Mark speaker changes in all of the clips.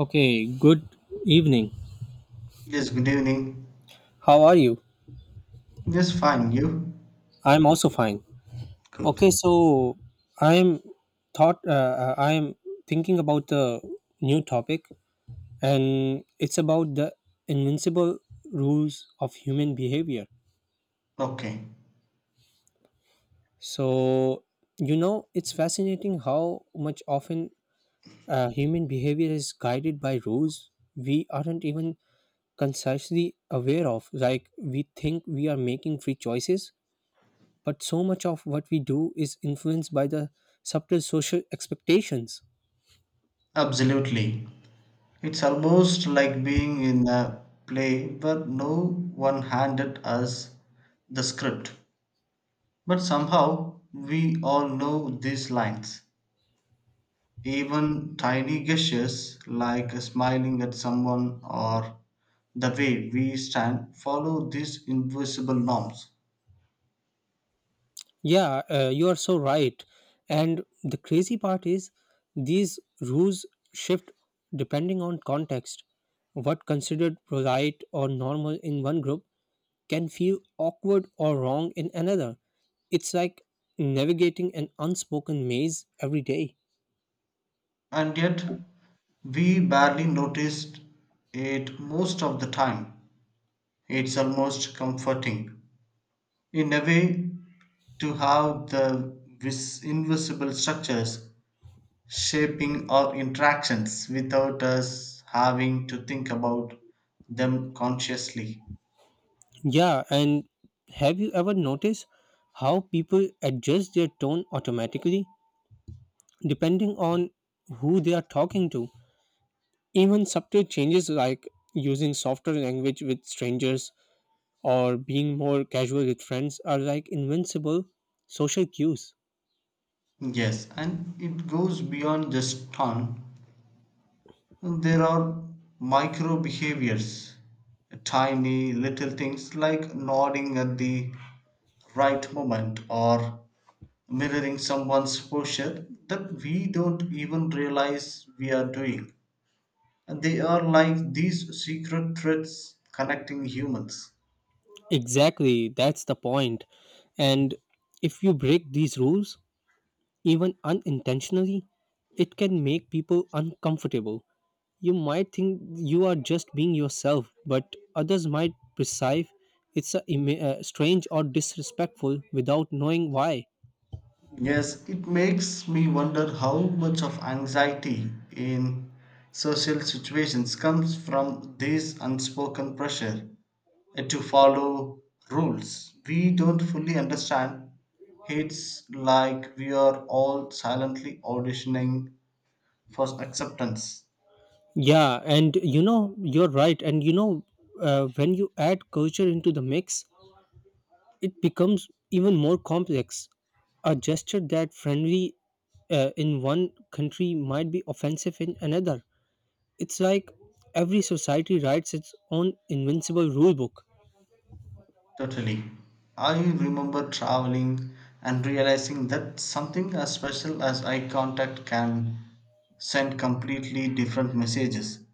Speaker 1: Okay, good evening.
Speaker 2: Yes, good evening.
Speaker 1: How are you?
Speaker 2: Yes, fine. You?
Speaker 1: I'm also fine.
Speaker 2: Good.
Speaker 1: Okay, so I'm I'm thinking about the new topic, and it's about the invincible rules of human behavior.
Speaker 2: Okay.
Speaker 1: So, it's fascinating how much often human behavior is guided by rules we aren't even consciously aware of. Like, we think we are making free choices, but so much of what we do is influenced by the subtle social expectations.
Speaker 2: Absolutely. It's almost like being in a play where no one handed us the script. But somehow we all know these lines. Even tiny gestures like smiling at someone or the way we stand follow these invisible norms.
Speaker 1: Yeah, you are so right. And the crazy part is these rules shift depending on context. What considered polite or normal in one group can feel awkward or wrong in another. It's like navigating an unspoken maze every day.
Speaker 2: And yet we barely noticed it most of the time. It's almost comforting, in a way, to have the invisible structures shaping our interactions without us having to think about them consciously.
Speaker 1: Yeah, and have you ever noticed how people adjust their tone automatically, depending on who they are talking to? Even subtle changes like using softer language with strangers or being more casual with friends are like invincible social cues.
Speaker 2: Yes, and it goes beyond just tone. There are micro behaviors, tiny little things like nodding at the right moment or mirroring someone's posture that we don't even realize we are doing. And they are like these secret threads connecting humans.
Speaker 1: Exactly, that's the point. And if you break these rules, even unintentionally, it can make people uncomfortable. You might think you are just being yourself, but others might perceive it's a strange or disrespectful without knowing why.
Speaker 2: Yes, it makes me wonder how much of anxiety in social situations comes from this unspoken pressure to follow rules we don't fully understand. It's like we are all silently auditioning for acceptance.
Speaker 1: Yeah, and you know, you're right. And you know, when you add culture into the mix, it becomes even more complex. A gesture that friendly in one country might be offensive in another. It's like every society writes its own invincible rule book.
Speaker 2: Totally. I remember traveling and realizing that something as special as eye contact can send completely different messages.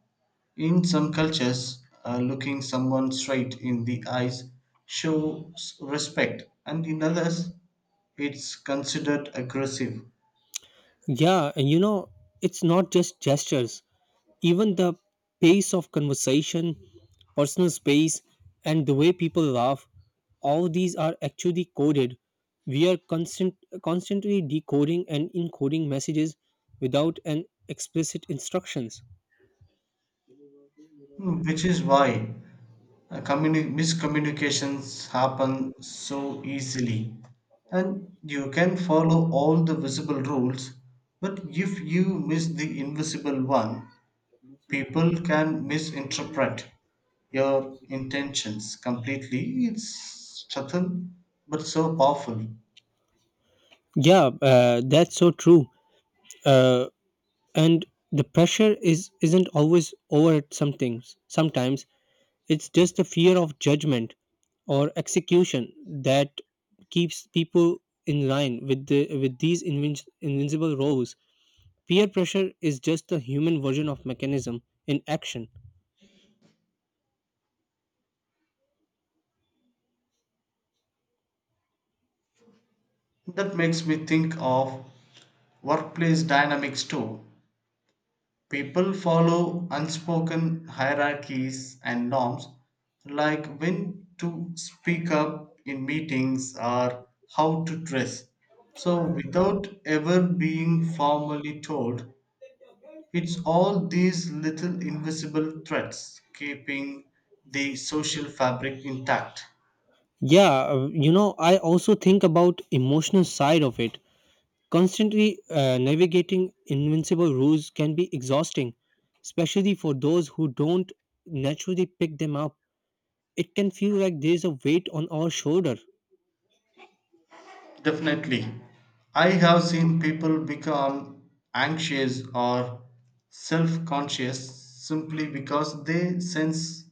Speaker 2: In some cultures, looking someone straight in the eyes shows respect, and in others, it's considered aggressive,
Speaker 1: Yeah, and you know, it's not just gestures. Even the pace of conversation, personal space, and the way people laugh, all these are actually coded. We are constant, constantly decoding and encoding messages without an explicit instructions.
Speaker 2: which is why miscommunications happen so easily, and you can follow all the visible rules, but if you miss the invisible one, people can misinterpret your intentions completely. It's subtle but so powerful.
Speaker 1: Yeah, that's so true. Uh, and the pressure is isn't always over at some things. Sometimes it's just the fear of judgment or execution that keeps people in line with these invincible roles. Peer pressure is just the human version of mechanism in action.
Speaker 2: That makes me think of workplace dynamics too. People follow unspoken hierarchies and norms, like when to speak up in meetings or how to dress. So, without ever being formally told, it's all these little invisible threats keeping the social fabric intact.
Speaker 1: Yeah, you know, I also think about emotional side of it. Constantly navigating invincible rules can be exhausting, especially for those who don't naturally pick them up. It can feel like there's a weight on our shoulder.
Speaker 2: Definitely. I have seen people become anxious or self conscious simply because they sense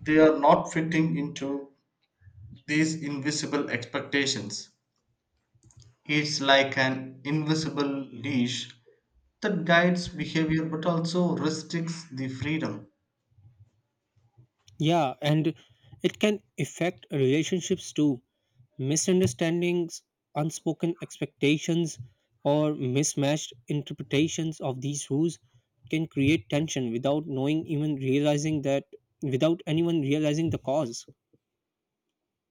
Speaker 2: they are not fitting into these invisible expectations. It's like an invisible leash that guides behavior but also restricts the freedom.
Speaker 1: Yeah, and it can affect relationships too. Misunderstandings, unspoken expectations, or mismatched interpretations of these rules can create tension without knowing even realizing that without anyone realizing the cause.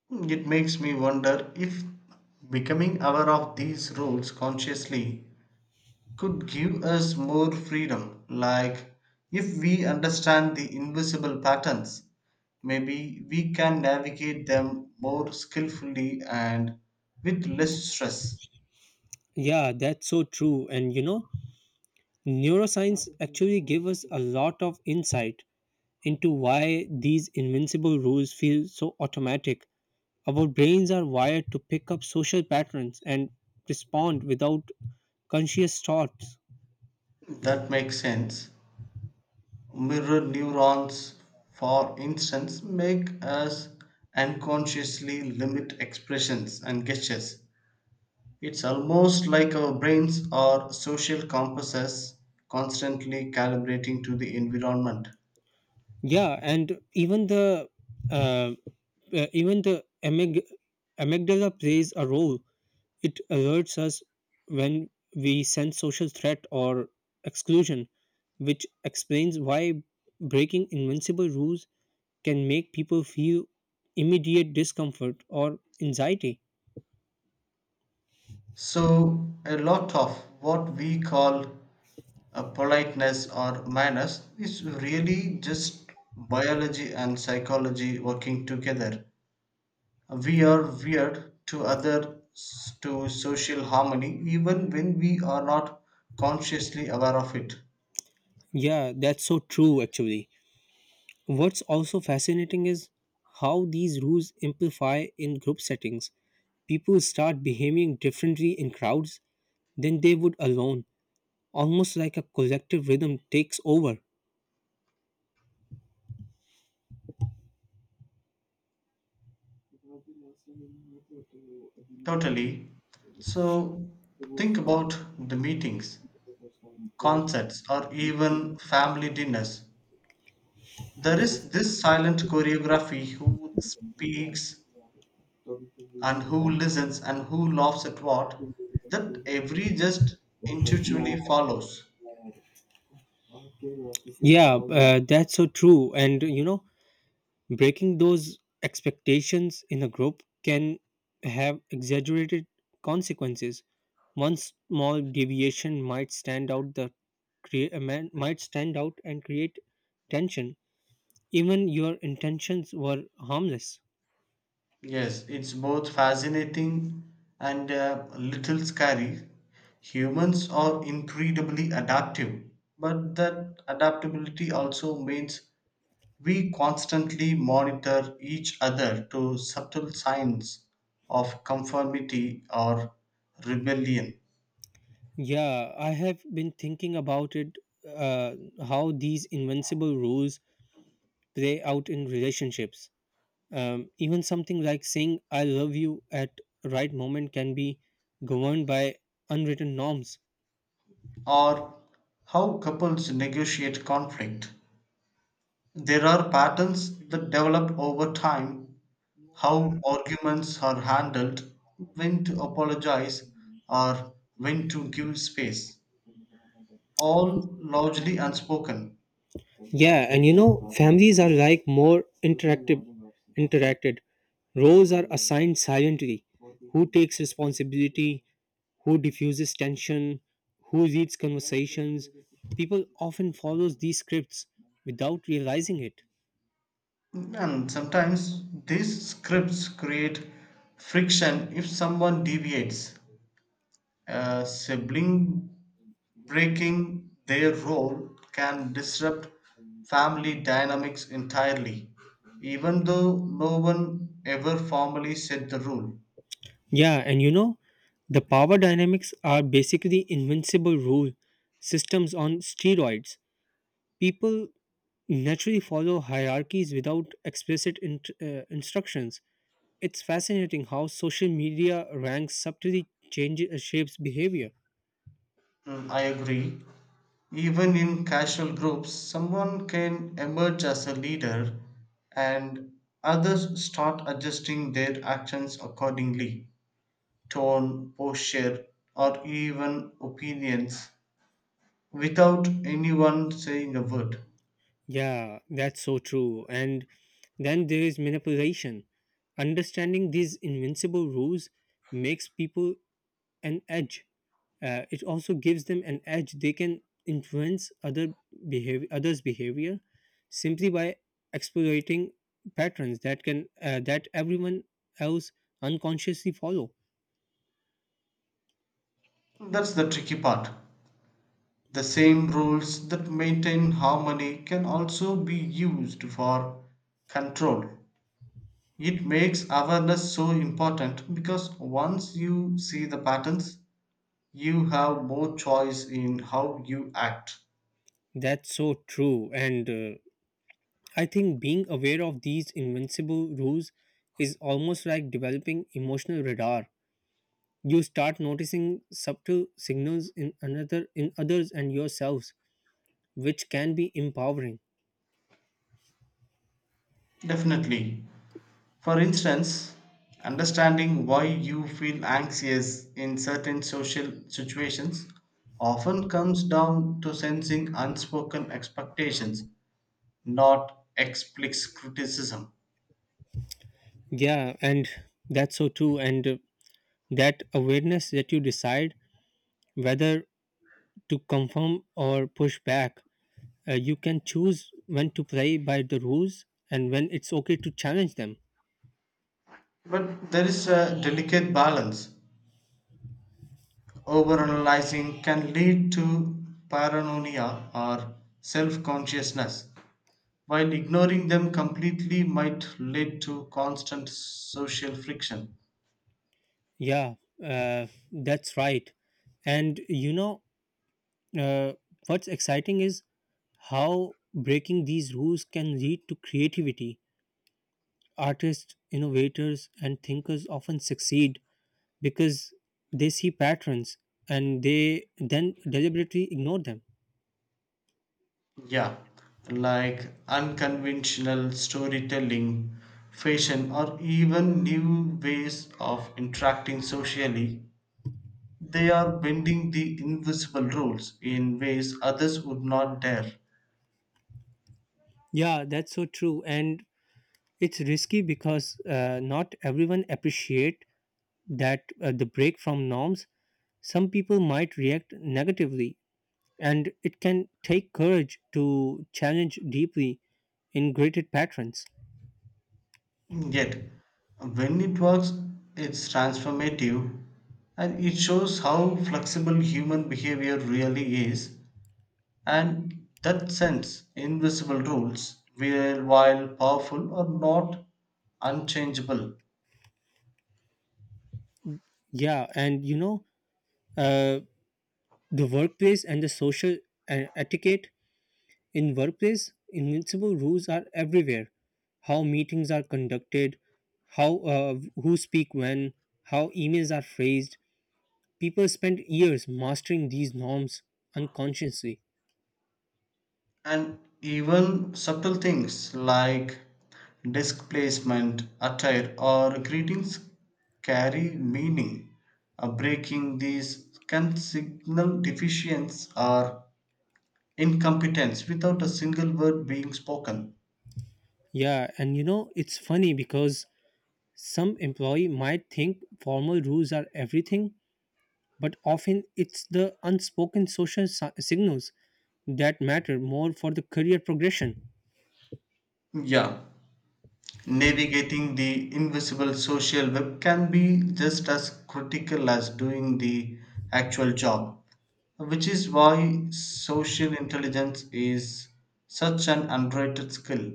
Speaker 2: It makes me wonder if becoming aware of these rules consciously could give us more freedom. Like, if we understand the invisible patterns, maybe we can navigate them more skillfully and with less stress.
Speaker 1: Yeah, that's so true. And you know, neuroscience actually give us a lot of insight into why these invincible rules feel so automatic. Our brains are wired to pick up social patterns and respond without conscious thoughts.
Speaker 2: That makes sense. Mirror neurons, for instance, make us unconsciously limit expressions and gestures. It's almost like our brains are social compasses constantly calibrating to the environment.
Speaker 1: Yeah, and uh, even the amygdala plays a role. It alerts us when we sense social threat or exclusion, which explains why breaking invincible rules can make people feel immediate discomfort or anxiety.
Speaker 2: So, a lot of what we call a politeness or manners is really just biology and psychology working together. We are weird to others to social harmony even when we are not consciously aware of it.
Speaker 1: Yeah, that's so true actually. What's also fascinating is how these rules amplify in group settings. People start behaving differently in crowds than they would alone, almost like a collective rhythm takes over.
Speaker 2: Totally. So think about the meetings, concerts, or even family dinners. There is this silent choreography who speaks and who listens and who laughs at what that every just intuitively follows.
Speaker 1: Yeah, that's so true. And you know, breaking those expectations in a group can have exaggerated consequences. One small deviation might stand out the crea- man- might stand out and create tension even your intentions were harmless.
Speaker 2: Yes, it's both fascinating and a little scary. Humans are incredibly adaptive, but that adaptability also means we constantly monitor each other to subtle signs of conformity or rebellion,
Speaker 1: Yeah, I have been thinking about it, uh, how these invincible rules play out in relationships. Even something like saying I love you at right moment can be governed by unwritten norms.
Speaker 2: or how couples negotiate conflict. There are patterns that develop over time. How arguments are handled, when to apologize, or when to give space, all largely unspoken.
Speaker 1: Yeah, and you know, families are like more interactive interacted. Roles are assigned silently. Who takes responsibility? Who diffuses tension, who leads conversations. People often follow these scripts without realizing it.
Speaker 2: And sometimes these scripts create friction if someone deviates. A sibling breaking their role can disrupt family dynamics entirely, even though no one ever formally set the rule.
Speaker 1: Yeah, and you know, the power dynamics are basically invincible rule systems on steroids. People naturally follow hierarchies without explicit instructions. It's fascinating how social media ranks subtly changes shapes behavior.
Speaker 2: Mm, I agree. Even in casual groups, someone can emerge as a leader and others start adjusting their actions accordingly, tone, posture, or even opinions, without anyone saying a word.
Speaker 1: Yeah, that's so true. And then there is manipulation. Understanding these invincible rules makes people an edge. It also gives them an edge. They can influence other others' behavior, simply by exploiting patterns that everyone else unconsciously follow.
Speaker 2: That's the tricky part. The same rules that maintain harmony can also be used for control. It makes awareness so important because once you see the patterns, you have more choice in how you act.
Speaker 1: That's so true. And I think being aware of these invincible rules is almost like developing emotional radar. You start noticing subtle signals in others and yourselves, which can be empowering.
Speaker 2: Definitely. For instance, understanding why you feel anxious in certain social situations often comes down to sensing unspoken expectations, not explicit criticism.
Speaker 1: Yeah, and that's so true. And that awareness that you decide whether to conform or push back, you can choose when to play by the rules and when it's okay to challenge them.
Speaker 2: But there is a delicate balance. Overanalyzing can lead to paranoia or self consciousness, while ignoring them completely might lead to constant social friction.
Speaker 1: Yeah, uh, that's right. And you know, uh, what's exciting is how breaking these rules can lead to creativity. Artists, innovators, and thinkers often succeed because they see patterns and they then deliberately ignore them.
Speaker 2: Yeah, like unconventional storytelling, fashion, or even new ways of interacting socially. They are bending the invisible rules in ways others would not dare.
Speaker 1: Yeah, that's so true. And it's risky because not everyone appreciate that the break from norms. Some people might react negatively, and it can take courage to challenge deeply ingrained patterns.
Speaker 2: Yet, when it works, it's transformative, and it shows how flexible human behavior really is, and that sense invisible rules will while powerful are not unchangeable.
Speaker 1: Yeah, and you know, uh, the workplace and the social etiquette. In workplace, invincible rules are everywhere. How meetings are conducted, how who speak when, how emails are phrased. People spend years mastering these norms unconsciously.
Speaker 2: And even subtle things like desk placement attire or greetings carry meaning. Breaking these can signal deficiency or incompetence without a single word being spoken.
Speaker 1: Yeah, and you know, it's funny because some employee might think formal rules are everything, but often it's the unspoken social signals that matter more for the career progression.
Speaker 2: Yeah, navigating the invisible social web can be just as critical as doing the actual job, which is why social intelligence is such an underrated skill.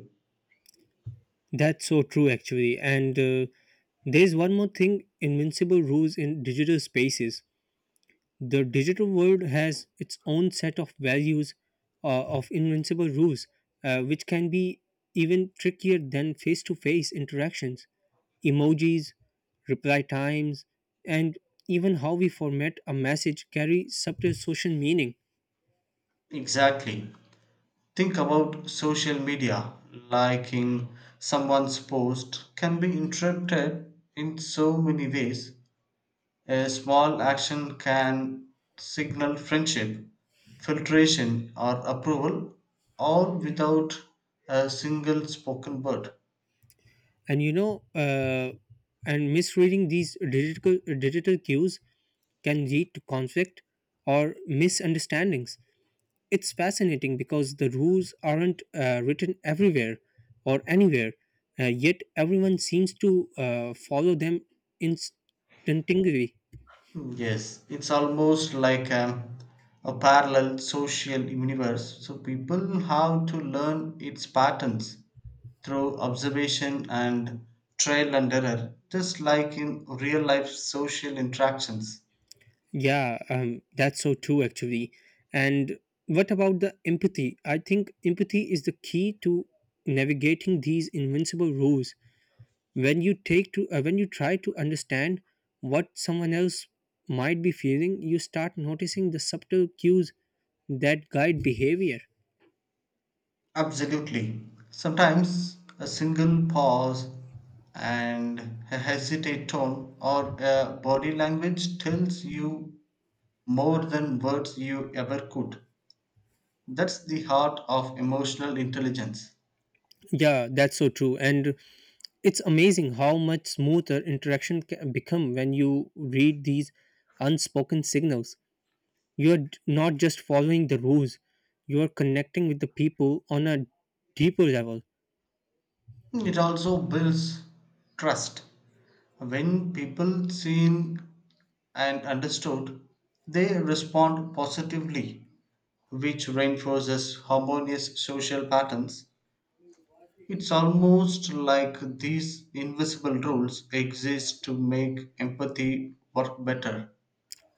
Speaker 1: That's so true, actually. And there's one more thing, invincible rules in digital spaces. The digital world has its own set of values of invincible rules, which can be even trickier than face to face interactions. Emojis, reply times, and even how we format a message carry subtle social meaning.
Speaker 2: Exactly. Think about social media. Liking someone's post can be interpreted in so many ways. A small action can signal friendship, filtration, or approval, all without a single spoken word.
Speaker 1: And you know, and misreading these digital cues can lead to conflict or misunderstandings. It's fascinating because the rules aren't written everywhere or anywhere, yet everyone seems to follow them instinctively.
Speaker 2: Yes, it's almost like a parallel social universe. So people have to learn its patterns through observation and trial and error, just like in real life social interactions.
Speaker 1: Yeah, that's so true actually. And what about the empathy? I think empathy is the key to navigating these invincible rules. When you try to understand what someone else might be feeling, you start noticing the subtle cues that guide behavior.
Speaker 2: Absolutely. Sometimes a single pause and a hesitate tone or a body language tells you more than words you ever could. That's the heart of emotional intelligence.
Speaker 1: Yeah, that's so true. And it's amazing how much smoother interaction can become when you read these unspoken signals. Not just following the rules, you're connecting with the people on a deeper level.
Speaker 2: It also builds trust. When people seen and understood, they respond positively, which reinforces harmonious social patterns. It's almost like these invisible rules exist to make empathy work better.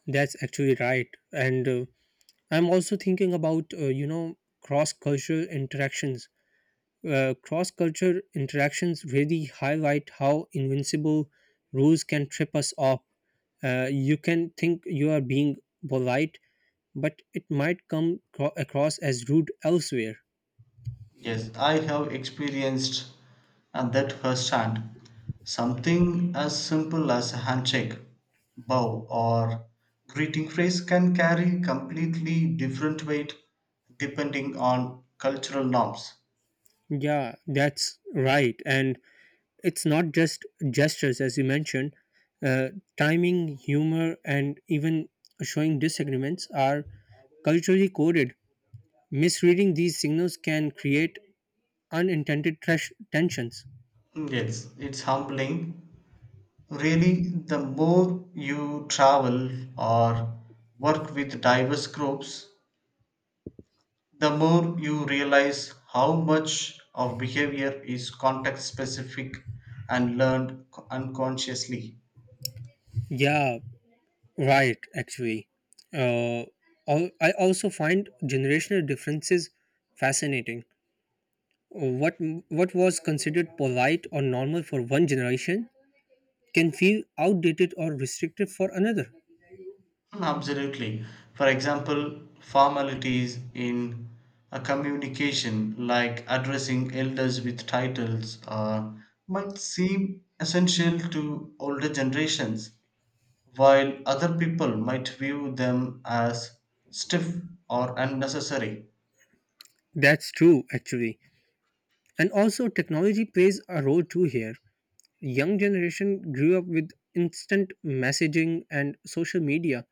Speaker 1: That's actually right. And I'm also thinking about, you know, cross cultural interactions. Cross culture interactions really highlight how invincible rules can trip us up. You can think you are being polite, but it might across as rude elsewhere.
Speaker 2: Yes, I have experienced that firsthand. Something as simple as a handshake, bow, or greeting phrase can carry completely different weight depending on cultural norms.
Speaker 1: Yeah, that's right. And it's not just gestures, as you mentioned. Uh, timing, humor, and even showing disagreements are culturally coded. Misreading these signals can create unintended tensions.
Speaker 2: Yes, it's humbling. Really, the more you travel or work with diverse groups, the more you realize how much of behavior is context specific and learned unconsciously.
Speaker 1: Yeah, right, actually. Uh, I also find generational differences fascinating. What what was considered polite or normal for one generation can feel outdated or restrictive for another.
Speaker 2: Hmm, absolutely. For example, formalities in a communication like addressing elders with titles might seem essential to older generations, while other people might view them as stiff or unnecessary.
Speaker 1: That's true, actually. And also, technology plays a role too here. Young generation grew up with instant messaging and social media,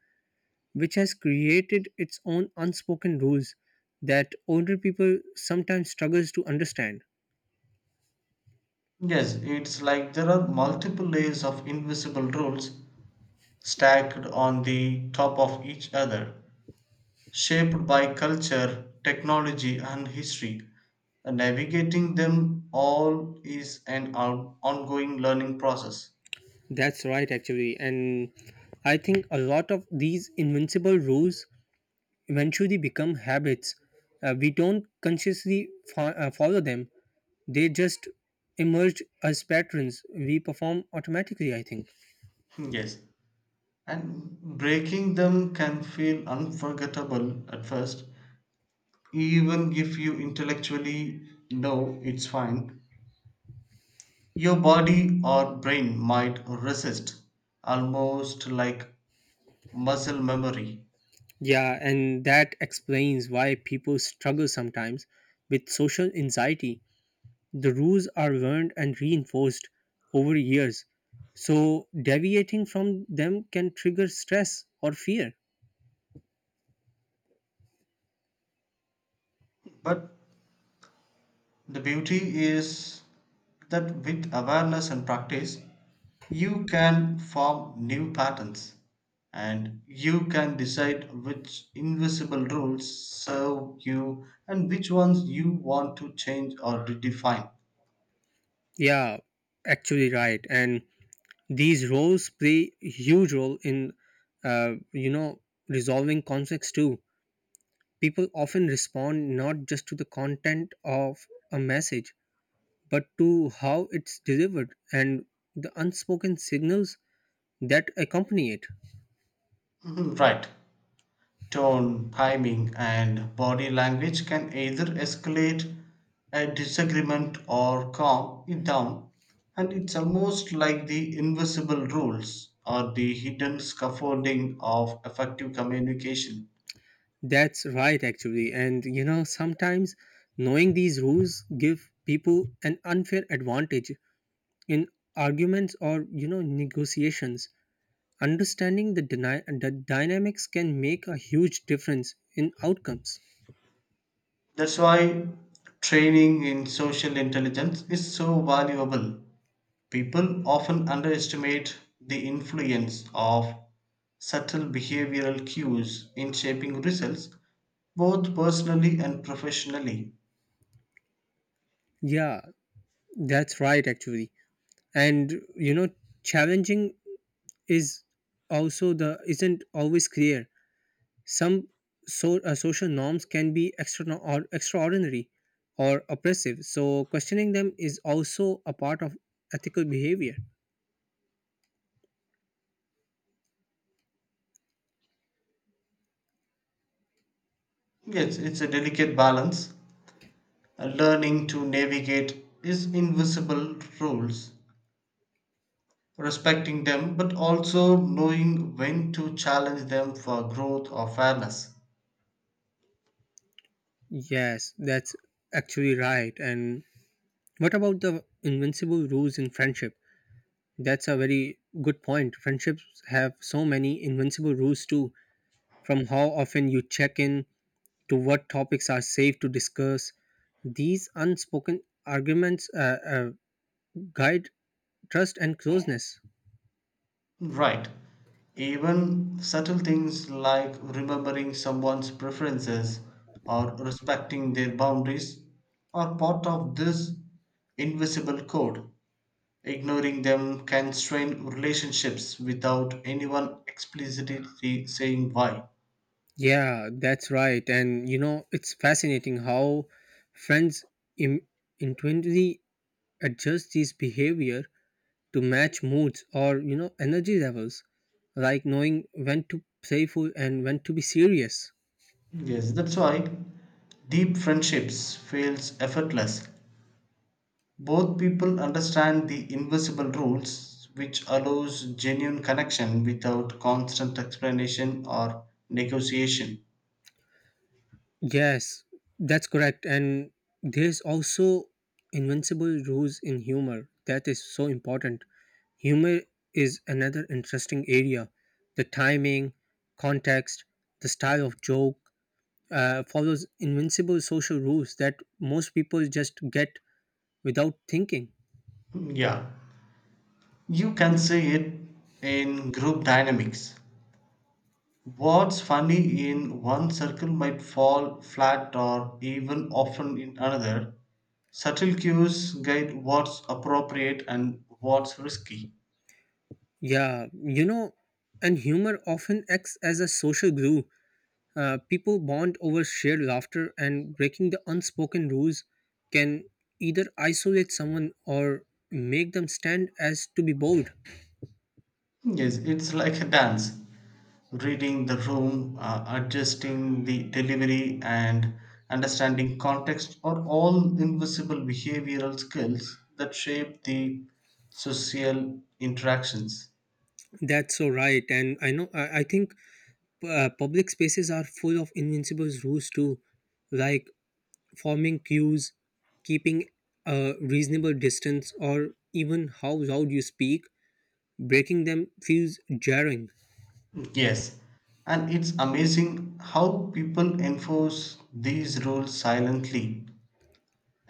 Speaker 1: which has created its own unspoken rules that older people sometimes struggles to understand.
Speaker 2: Yes, it's like there are multiple layers of invisible rules stacked on the top of each other, shaped by culture, technology, and history. And navigating them all is an ongoing learning process.
Speaker 1: That's right, actually. And I think a lot of these invincible rules eventually become habits. We don't consciously follow them, they just emerge as patterns. We perform automatically, I think.
Speaker 2: Yes, and breaking them can feel unforgettable at first, even if you intellectually know it's fine, your body or brain might resist, almost like muscle memory.
Speaker 1: Yeah, and that explains why people struggle sometimes with social anxiety. The rules are learned and reinforced over years. So, deviating from them can trigger stress or fear.
Speaker 2: But the beauty is that with awareness and practice, you can form new patterns, and you can decide which invisible rules serve you and which ones you want to change or redefine.
Speaker 1: Yeah, actually right. And these roles play huge role in, you know, resolving conflicts too. People often respond not just to the content of a message, but to how it's delivered and the unspoken signals that accompany it.
Speaker 2: Mhm, right. Tone, timing, and body language can either escalate a disagreement or calm it down. And it's almost like the invisible rules or the hidden scaffolding of effective communication.
Speaker 1: That's right, actually. And, you know, sometimes knowing these rules give people an unfair advantage in arguments or, you know, negotiations. Understanding the, the dynamics can make a huge difference in outcomes.
Speaker 2: That's why training in social intelligence is so valuable. People often underestimate the influence of subtle behavioral cues in shaping results, both personally and professionally.
Speaker 1: Yeah, that's right actually. And you know, challenging is also the isn't always clear. Some social norms can be extra or extraordinary or oppressive. So questioning them is also a part of ethical behavior.
Speaker 2: Yes, it's a delicate balance. Learning to navigate is invisible rules, respecting them, but also knowing when to challenge them for growth or fairness.
Speaker 1: Yes, that's actually right. And what about the invincible rules in friendship? That's a very good point. Friendships have so many invincible rules too, from how often you check in to what topics are safe to discuss. These unspoken arguments guide trust and closeness.
Speaker 2: Right. Even subtle things like remembering someone's preferences or respecting their boundaries are part of this invisible code. Ignoring them can strain relationships without anyone explicitly saying why.
Speaker 1: Yeah, that's right. And you know, it's fascinating how friends Im- intuitively adjust these behavior to match moods or you know energy levels, like knowing when to playful and when to be serious.
Speaker 2: Yes, that's why deep friendships feels effortless. Both people understand the invisible rules which allows genuine connection without constant explanation or negotiation.
Speaker 1: Yes, that's correct. And there's also invincible rules in humor. That is so important. Humor is another interesting area. The timing, context, the style of joke follows invincible social rules that most people just get without thinking.
Speaker 2: Yeah. You can say it in group dynamics. What's funny in one circle might fall flat or even often in another. Subtle cues guide what's appropriate and what's risky.
Speaker 1: Yeah, you know, and humor often acts as a social glue. People bond over shared laughter, and breaking the unspoken rules can either isolate someone or make them stand as to be bold.
Speaker 2: Yes, it's like a dance. Reading the room, adjusting the delivery, and understanding context are all invisible behavioral skills that shape the social interactions.
Speaker 1: That's so right, and I know I think public spaces are full of invincible rules too, like forming queues, keeping a reasonable distance, or even how loud you speak. Breaking them feels jarring.
Speaker 2: Yes, and it's amazing how people enforce these rules silently.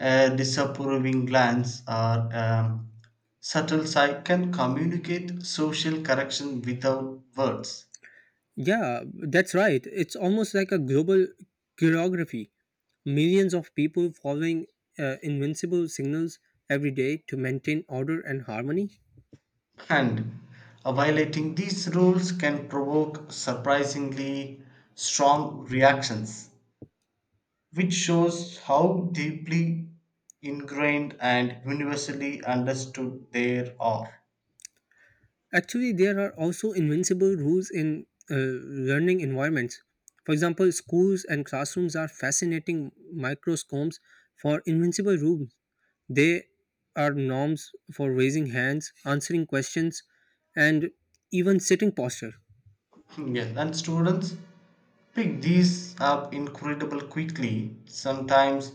Speaker 2: A disapproving glance or subtle sigh can communicate social correction without words.
Speaker 1: Yeah, that's right. It's almost like a global choreography. Millions of people following invincible signals every day to maintain order and harmony.
Speaker 2: And violating these rules can provoke surprisingly strong reactions, which shows how deeply ingrained and universally understood they are.
Speaker 1: Actually, there are also invincible rules in learning environments. For example, schools and classrooms are fascinating microscopes for invincible rules. They are norms for raising hands, answering questions, and even sitting posture.
Speaker 2: Yes, and students pick these up incredible quickly, sometimes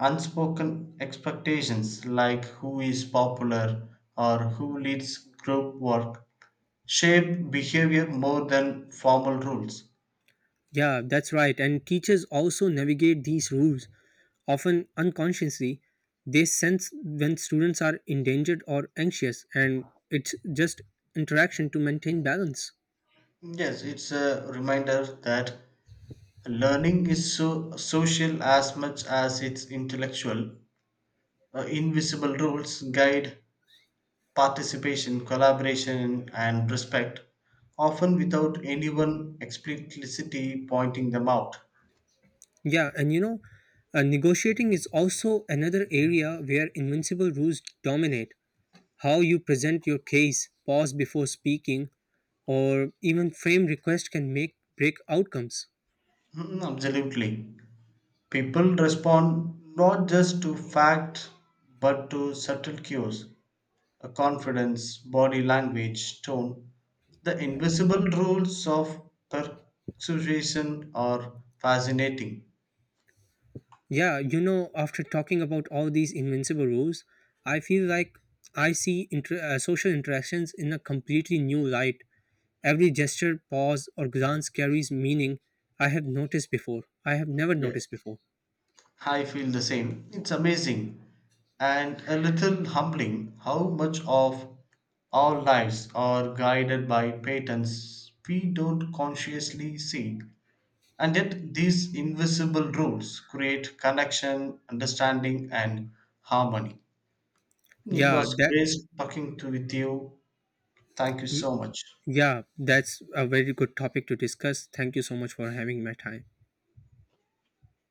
Speaker 2: unspoken expectations like who is popular or who leads group work shape behavior more than formal rules.
Speaker 1: Yeah, that's right. And teachers also navigate these rules, often unconsciously. They sense when students are endangered or anxious, and it's just interaction to maintain balance.
Speaker 2: Yes, it's a reminder that learning is so social as much as it's intellectual. Invisible rules guide participation, collaboration, and respect, often without anyone explicitly pointing them out.
Speaker 1: Yeah, and you know, negotiating is also another area where invincible rules dominate. How you present your case, pause before speaking, or even frame request can make break outcomes.
Speaker 2: Mm, absolutely. People respond not just to fact, but to subtle cues a confidence, body language, tone, the invisible rules of persuasion are fascinating.
Speaker 1: Yeah, you know, after talking about all these invincible rules, I feel like I see social interactions in a completely new light. Every gesture, pause, or glance carries meaning I have never
Speaker 2: Yes.
Speaker 1: noticed before.
Speaker 2: I feel the same. It's amazing and a little humbling how much of our lives are guided by patterns we don't consciously see. And yet, these invisible rules create connection, understanding, and harmony. It
Speaker 1: Yeah,
Speaker 2: was
Speaker 1: that
Speaker 2: great talking to with you. Thank you
Speaker 1: y-
Speaker 2: so much.
Speaker 1: yeah, that's a very good topic to discuss. Thank you so much for having my time.